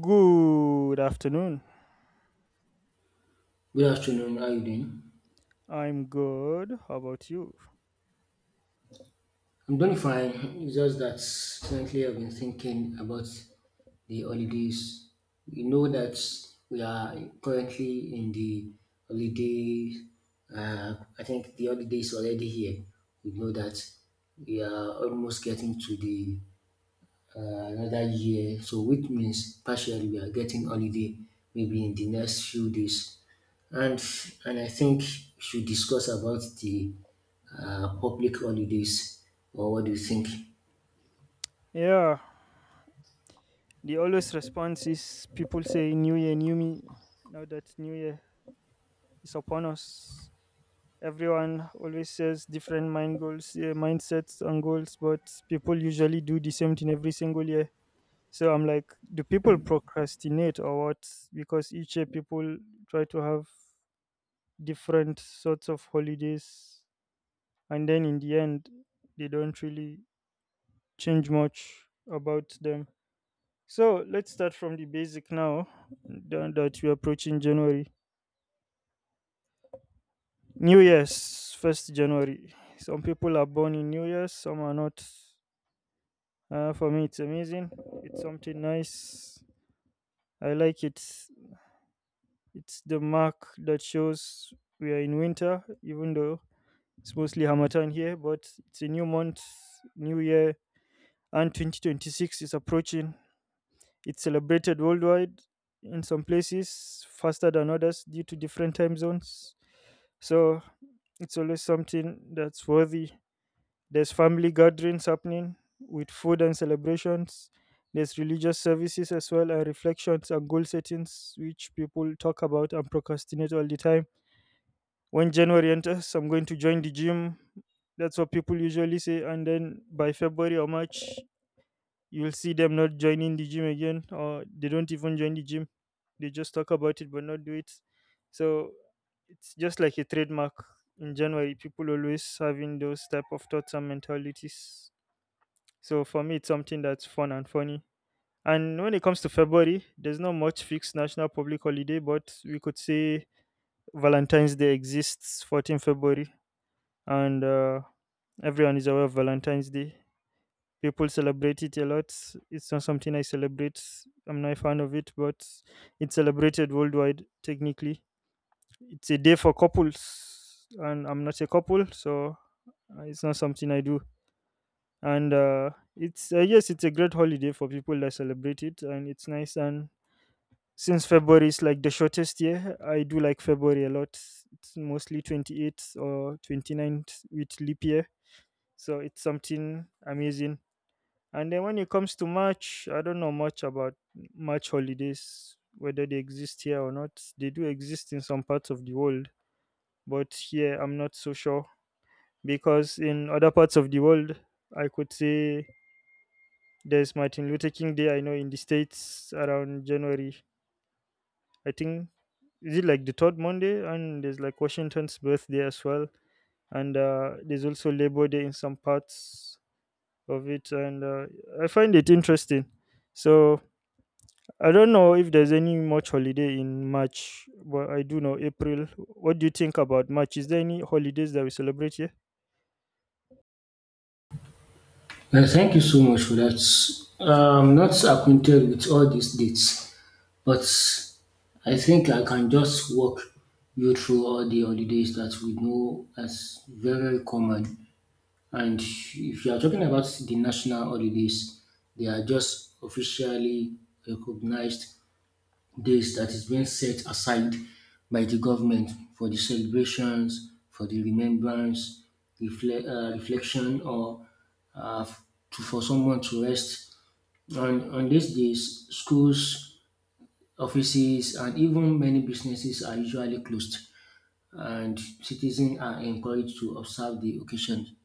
Good afternoon. Good afternoon. How are you doing? I'm good. How about you? I'm doing fine. It's just that recently I've been thinking about the holidays. We know that we are currently in the holiday. I think the holiday is already here. We know that we are almost getting to the another year, so which means partially we are getting holiday maybe in the next few days. And and I think we should discuss about the public holidays. Or what do you think? Yeah, the always response is people say, New Year, New Me. Now that New Year is upon us, everyone always says different mind goals, yeah, mindsets, and goals, but people usually do the same thing every single year. So I'm like, do people procrastinate or what? Because each year people try to have different sorts of holidays, and then in the end, they don't really change much about them. So let's start from the basic now. Now that we're approaching January, New Year's, 1st January. Some people are born in New Year's, some are not. For me, it's amazing. It's something nice. I like it. It's the mark that shows we are in winter, even though it's mostly Hamatan here, but it's a new month, new year, and 2026 is approaching. It's celebrated worldwide in some places faster than others due to different time zones. So it's always something that's worthy. There's family gatherings happening with food and celebrations. There's religious services as well and reflections and goal settings, which people talk about and procrastinate all the time. When January enters, I'm going to join the gym. That's what people usually say. And then by February or March, you'll see them not joining the gym again, or they don't even join the gym. They just talk about it but not do it. So it's just like a trademark. In January, people always having those type of thoughts and mentalities. So for me, it's something that's fun and funny. And when it comes to February, there's not much fixed national public holiday, but we could say Valentine's Day exists 14 February, and everyone is aware of Valentine's Day. People celebrate it a lot. It's not something I celebrate. I'm not a fan of it, but it's celebrated worldwide. Technically, it's a day for couples, and I'm not a couple, so it's not something I do. And it's yes, it's a great holiday for people that celebrate it, and it's nice. And since February is like the shortest year, I do like February a lot. It's mostly 28th or 29th with leap year, so it's something amazing. And then when it comes to March, I don't know much about March holidays, whether they exist here or not. They do exist in some parts of the world, but here I'm not so sure because in other parts of the world, I could say there's Martin Luther King Day. I know in the States around January, I think is it like the third Monday, and there's like Washington's birthday as well, and there's also Labor Day in some parts of it, and I find it interesting. So I don't know if there's any much holiday in March, but I do know April. What do you think about March? Is there any holidays that we celebrate here? Thank you so much for that. I'm not acquainted with all these dates, but I think I can just walk you through all the holidays that we know as very common. And if you are talking about the national holidays, they are just officially recognized days that is being set aside by the government for the celebrations, for the remembrance, reflection, or uh, to, for someone to rest. On these days, schools, offices, and even many businesses are usually closed, and citizens are encouraged to observe the occasion.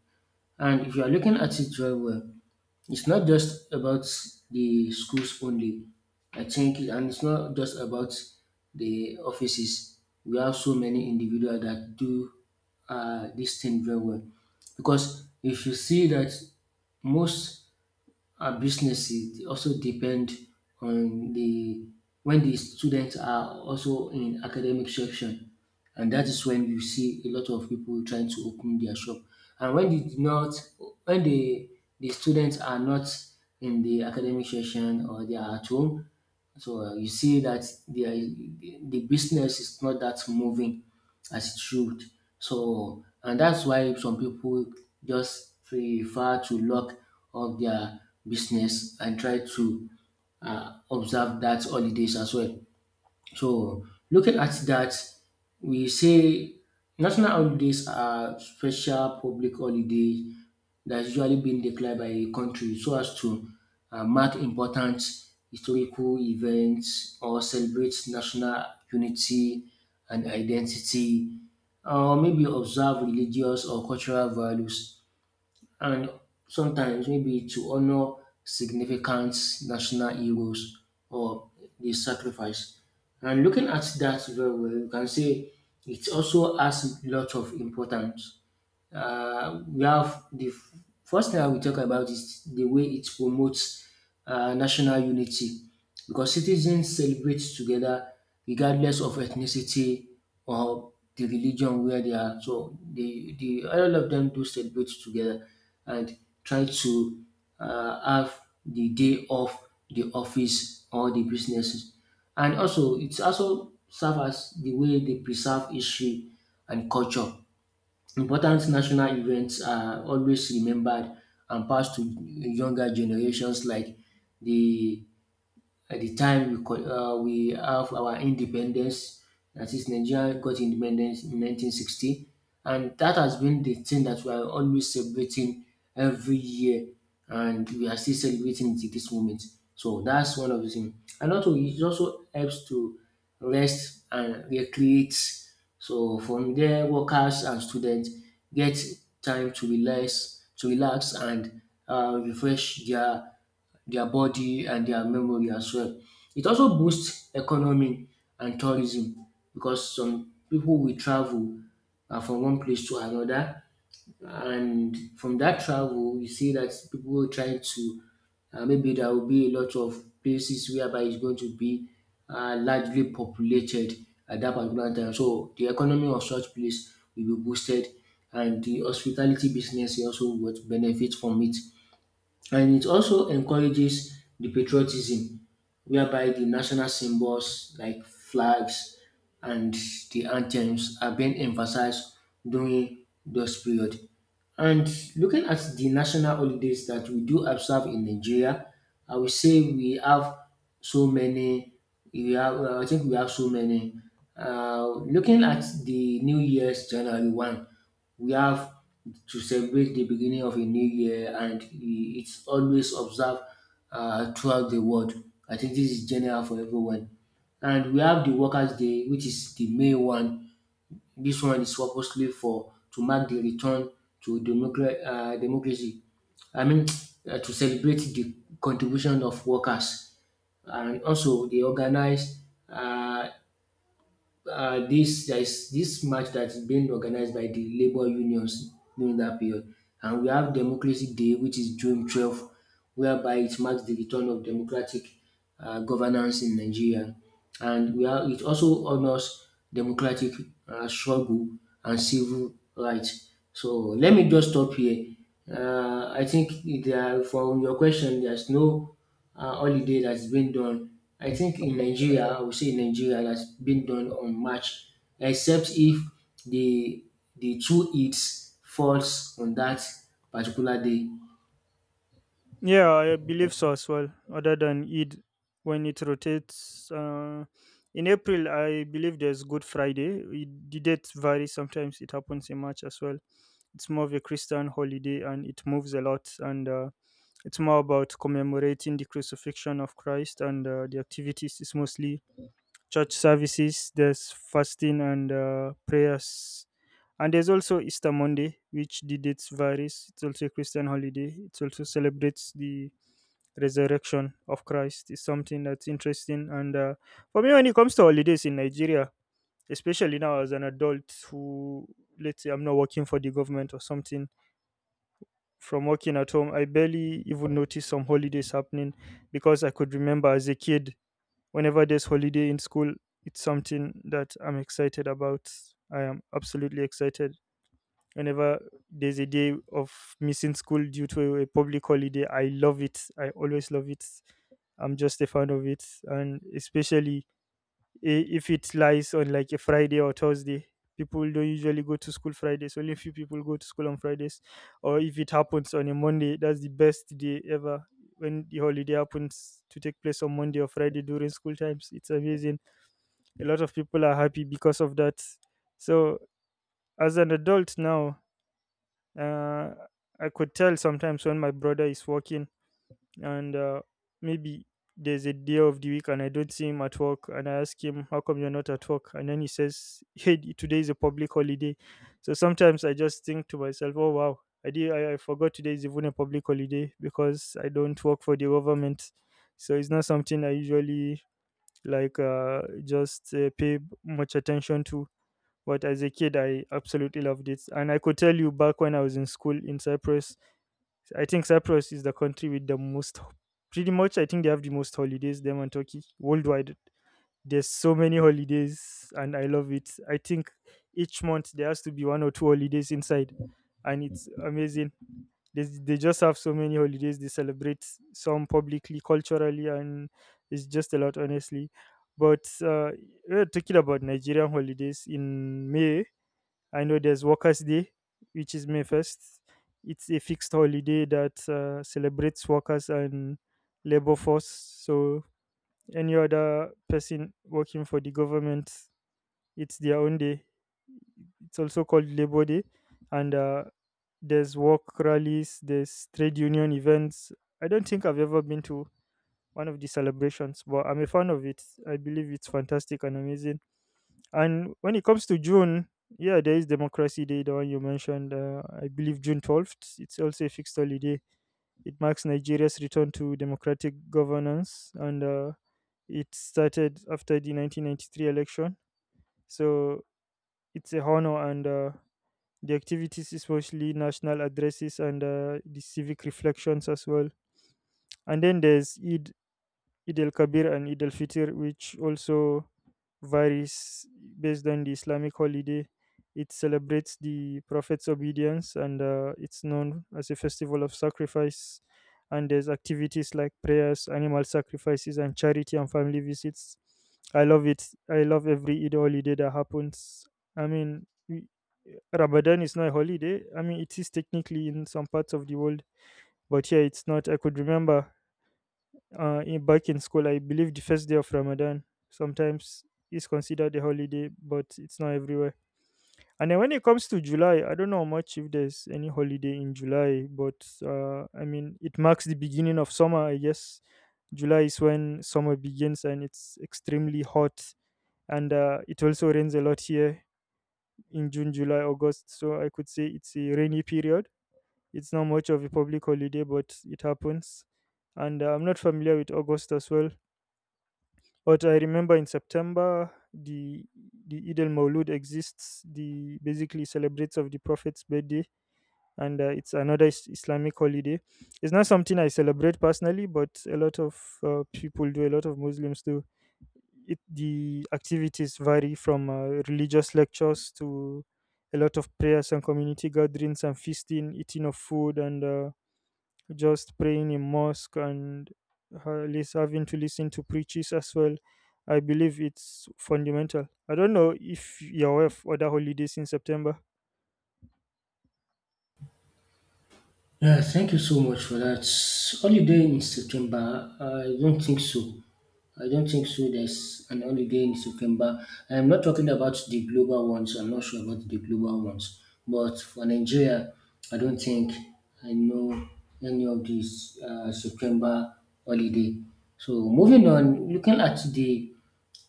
And if you are looking at it very well, it's not just about the schools only. I think, and it's not just about the offices. We have so many individuals that do this thing very well. Because if you see that most businesses also depend on the when the students are also in academic section, and that is when you see a lot of people trying to open their shop. And when they do not, when the students are not in the academic section or they are at home, so you see that the business is not that moving as it should. So, and that's why some people just prefer to lock up their business and try to observe that holidays as well. So looking at that, we say national holidays are special public holidays that's usually been declared by a country so as to mark important historical events, or celebrate national unity and identity, or maybe observe religious or cultural values, and sometimes maybe to honor significant national heroes or the sacrifice. And looking at that very well, you can say it also has lots of importance. We have the first thing I will talk about is the way it promotes national unity, because citizens celebrate together regardless of ethnicity or the religion where they are. So the all of them do celebrate together and try to have the day off the office or the businesses. And also, it also serve as the way they preserve history and culture. Important national events are always remembered and passed to younger generations, like the at the time we we have our independence, that is Nigeria got independence in 1960, and that has been the thing that we are always celebrating every year, and we are still celebrating it to this moment. So that's one of the things. And also, it also helps to rest and recreate. So from there, workers and students get time to relax and refresh their body and their memory as well. It also boosts economy and tourism, because some people will travel from one place to another, and from that travel, you see that people are trying to maybe there will be a lot of places whereby it's going to be largely populated at that particular time. So the economy of such place will be boosted, and the hospitality business will also would benefit from it, and it also encourages the patriotism, whereby the national symbols like flags and the anthems are being emphasized during this period. And looking at the national holidays that we do observe in Nigeria, I would say we have so many. We have, I think we have so many. Looking at the New Year's January 1st, we have to celebrate the beginning of a new year, and it's always observed throughout the world. I think this is general for everyone. And we have the Workers' Day, which is the May one. This one is purposely for to mark the return to democracy. I mean, to celebrate the contribution of workers. And also, they organize uh, this there is this march that is being organized by the labor unions during that period. And we have Democracy Day, which is June 12th, whereby it marks the return of democratic governance in Nigeria, and we are it also honors democratic struggle and civil rights. So let me just stop here. I think there, from your question, there's no holiday that's been done. I think in Nigeria, I would say in Nigeria that's been done on March, except if the the two Eids falls on that particular day. Yeah, I believe so as well. Other than Eid, when it rotates in April, I believe there's Good Friday. The dates vary sometimes. It happens in March as well. It's more of a Christian holiday and it moves a lot. And it's more about commemorating the crucifixion of Christ. And the activities is mostly church services, there's fasting and prayers. And there's also Easter Monday, which the dates varies. It's also a Christian holiday. It also celebrates the resurrection of Christ. It's something that's interesting. And for me, when it comes to holidays in Nigeria, especially now as an adult who, let's say, I'm not working for the government or something, from working at home, I barely even noticed some holidays happening because I could remember as a kid, whenever there's holiday in school, it's something that I'm excited about. I am absolutely excited. Whenever there's a day of missing school due to a public holiday, I love it. I always love it. I'm just a fan of it. And especially, if it lies on like a Friday or Thursday, people don't usually go to school Fridays. Only a few people go to school on Fridays. Or if it happens on a Monday, that's the best day ever. When the holiday happens to take place on Monday or Friday during school times, it's amazing. A lot of people are happy because of that. So as an adult now, uh, I could tell sometimes when my brother is working, and maybe there's a day of the week and I don't see him at work, and I ask him, how come you're not at work? And then he says, hey, today is a public holiday. So sometimes I just think to myself, oh wow, I did. I forgot today is even a public holiday because I don't work for the government. So it's not something I usually, like, just pay much attention to. But as a kid I absolutely loved it, and I could tell you, back when I was in school in Cyprus, I think Cyprus is the country with the most, pretty much, I think they have the most holidays, them and Turkey, worldwide. There's so many holidays, and I love it. I think each month there has to be one or two holidays inside, and it's amazing. They just have so many holidays. They celebrate some publicly, culturally, and it's just a lot, honestly. But we're talking about Nigerian holidays in May. I know there's Workers' Day, which is May 1st. It's a fixed holiday that celebrates workers and labor force. So any other person working for the government, it's their own day. It's also called Labor Day, and there's work rallies, there's trade union events. I don't think I've ever been to one of the celebrations, but I'm a fan of it. I believe it's fantastic and amazing. And when it comes to June, yeah, there is Democracy Day, the one you mentioned. I believe June 12th. It's also a fixed holiday. It marks Nigeria's return to democratic governance, and it started after the 1993 election. So it's a honor, and the activities is mostly national addresses and the civic reflections as well. And then there's Eid, Eid el Kabir, and Eid el Fitr, which also varies based on the Islamic holiday. It celebrates the Prophet's obedience and it's known as a festival of sacrifice. And there's activities like prayers, animal sacrifices, and charity and family visits. I love it. I love every Eid holiday that happens. I mean, Ramadan is not a holiday. I mean, it is technically in some parts of the world, but here it's not. I could remember back in school, I believe the first day of Ramadan sometimes is considered a holiday, but it's not everywhere. And then when it comes to July, I don't know much if there's any holiday in July, but I mean, it marks the beginning of summer, I guess. July is when summer begins and it's extremely hot. And it also rains a lot here in June, July, August. So I could say it's a rainy period. It's not much of a public holiday, but it happens. And I'm not familiar with August as well. But I remember in September the Eid al Mawlud exists, the basically celebrates of the Prophet's birthday, and it's another Islamic holiday. It's not something I celebrate personally, but a lot of people do, a lot of Muslims do. The activities vary from religious lectures to a lot of prayers and community gatherings and feasting, eating of food, and just praying in mosque and having to listen to preachers as well. I believe it's fundamental. I don't know if you're aware of other holidays in September. Yeah, thank you so much for that. Holiday in September? I don't think so. I don't think so. There's an holiday in September. I'm not talking about the global ones. I'm not sure about the global ones. But for Nigeria, I don't think I know any of these September holiday. So moving on, looking at the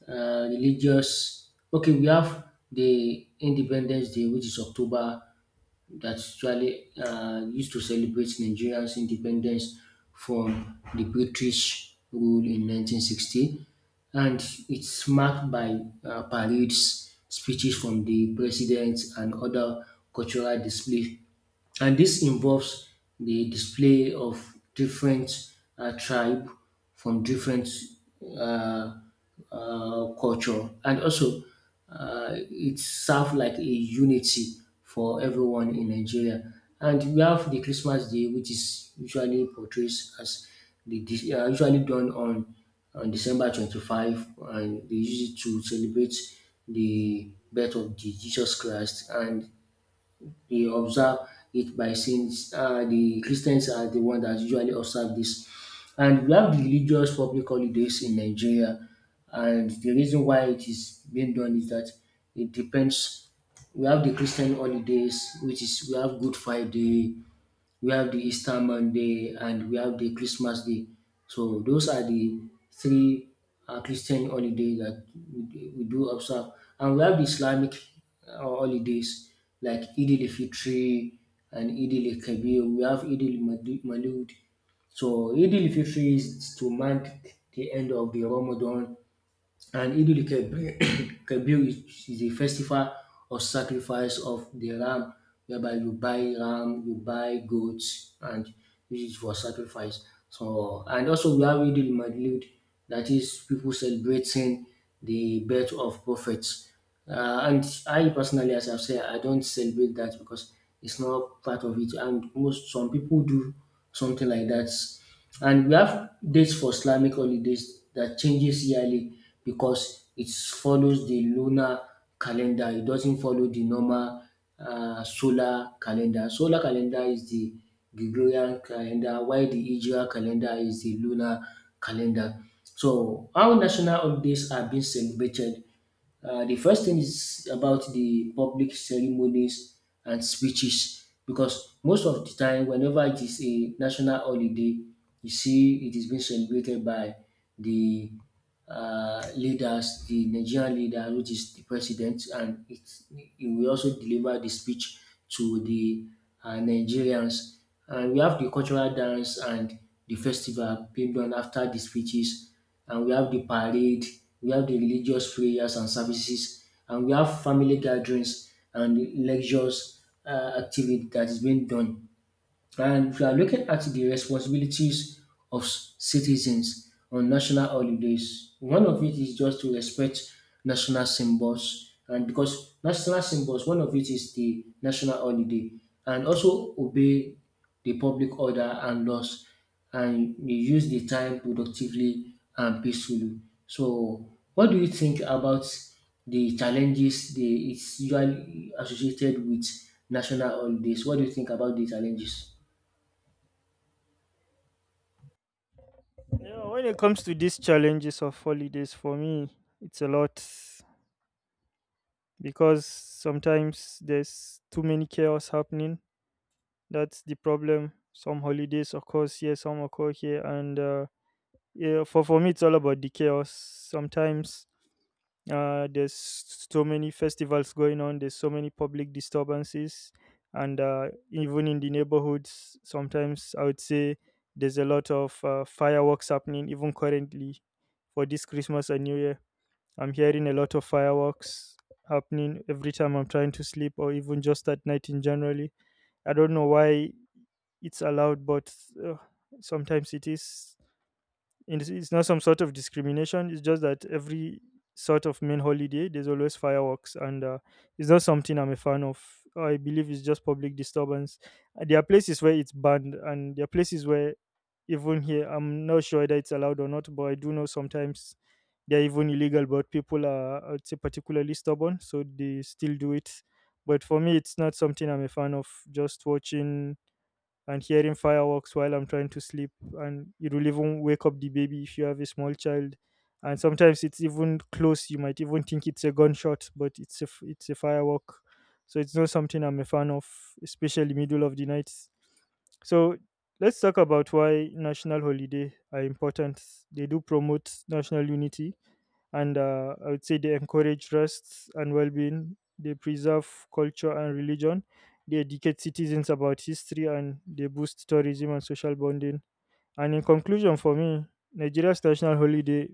religious. Okay, we have the Independence Day, which is October. That's usually used to celebrate Nigeria's independence from the British rule in 1960, and it's marked by parades, speeches from the president, and other cultural displays. And this involves the display of different tribe from different uh, culture, and also it serves like a unity for everyone in Nigeria. And we have the Christmas Day, which is usually portrays as the usually done on December 25th, and they use it to celebrate the birth of the Jesus Christ. And they observe it by saying the Christians are the one that usually observe this. And we have the religious public holidays in Nigeria. And the reason why it is being done is that it depends. We have the Christian holidays, which is we have Good Friday, we have the Easter Monday, and we have the Christmas Day. So those are the three Christian holidays that we do observe. And we have the Islamic holidays like Eid al-Fitr and Eid al-Kabir. We have Eid al-Malud. So Eid al-Fitr is to mark the end of the Ramadan, and Idul Keb- Kebir is a festival of sacrifice of the ram, whereby you buy ram, you buy goats, and this is for sacrifice. So, and also we have Idul Madlud, that is people celebrating the birth of prophets. And I personally, as I've said, I don't celebrate that because it's not part of it. And most some people do something like that. And we have dates for Islamic holidays that changes yearly because it follows the lunar calendar. It doesn't follow the normal solar calendar. Solar calendar is the Gregorian calendar, while the Hijra calendar is the lunar calendar. So, how national holidays are being celebrated, the first thing is about the public ceremonies and speeches, because most of the time, whenever it is a national holiday, you see it is being celebrated by the leaders, the Nigerian leader, which is the president, and it, he will also deliver the speech to the Nigerians. And we have the cultural dance and the festival being done after the speeches, and we have the parade, we have the religious prayers and services, and we have family gatherings and lectures activity that is being done. And if you are looking at the responsibilities of citizens on national holidays, one of it is just to respect national symbols. And because national symbols, one of it is the national holiday, and also obey the public order and laws, and you use the time productively and peacefully. So, what do you think about the challenges they it's usually associated with national holidays? What do you think about the challenges? Yeah, when it comes to these challenges of holidays, for me, it's a lot, because sometimes there's too many chaos happening. That's the problem. Some holidays occur here, some occur here, and yeah, for me, it's all about the chaos. Sometimes there's so many festivals going on. There's so many public disturbances, and even in the neighborhoods, sometimes I would say there's a lot of fireworks happening, even currently for this Christmas and New Year. I'm hearing a lot of fireworks happening every time I'm trying to sleep or even just at night in generally. I don't know why it's allowed, but uh, sometimes it is. It's not some sort of discrimination. It's just that every sort of main holiday, there's always fireworks, and it's not something I'm a fan of. I believe it's just public disturbance. There are places where it's banned, and there are places where even here, I'm not sure whether it's allowed or not, but I do know sometimes they're even illegal, but people are, I'd say, particularly stubborn, so they still do it. But for me, it's not something I'm a fan of. Just watching and hearing fireworks while I'm trying to sleep. And it will even wake up the baby if you have a small child. And sometimes it's even close. You might even think it's a gunshot, but it's a firework. So it's not something I'm a fan of, especially middle of the night. So let's talk about why national holiday are important. They do promote national unity, and I would say they encourage rest and well-being. They preserve culture and religion. They educate citizens about history and they boost tourism and social bonding. And in conclusion, for me, Nigeria's national holiday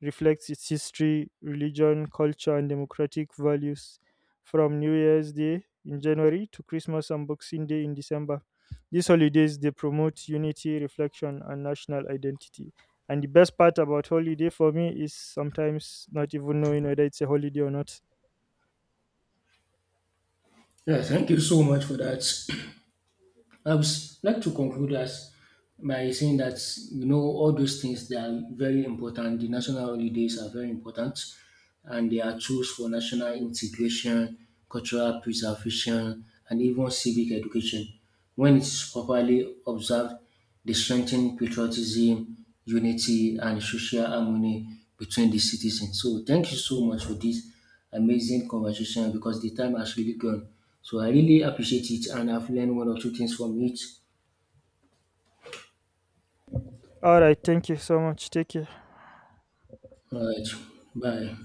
reflects its history, religion, culture, and democratic values from New Year's Day in January to Christmas and Boxing Day in December. These holidays they promote unity, reflection, and national identity. And the best part about holiday for me is sometimes not even knowing whether it's a holiday or not. Yeah, thank you so much for that. I would like to conclude as by saying that you know all those things they are very important. The national holidays are very important, and they are tools for national integration, cultural preservation, and even civic education when it is properly observed. They strengthen patriotism, unity, and social harmony between the citizens. So thank you so much for this amazing conversation, because the time has really gone. So I really appreciate it, and I've learned one or two things from it. All right, thank you so much. Take care. All right. Bye.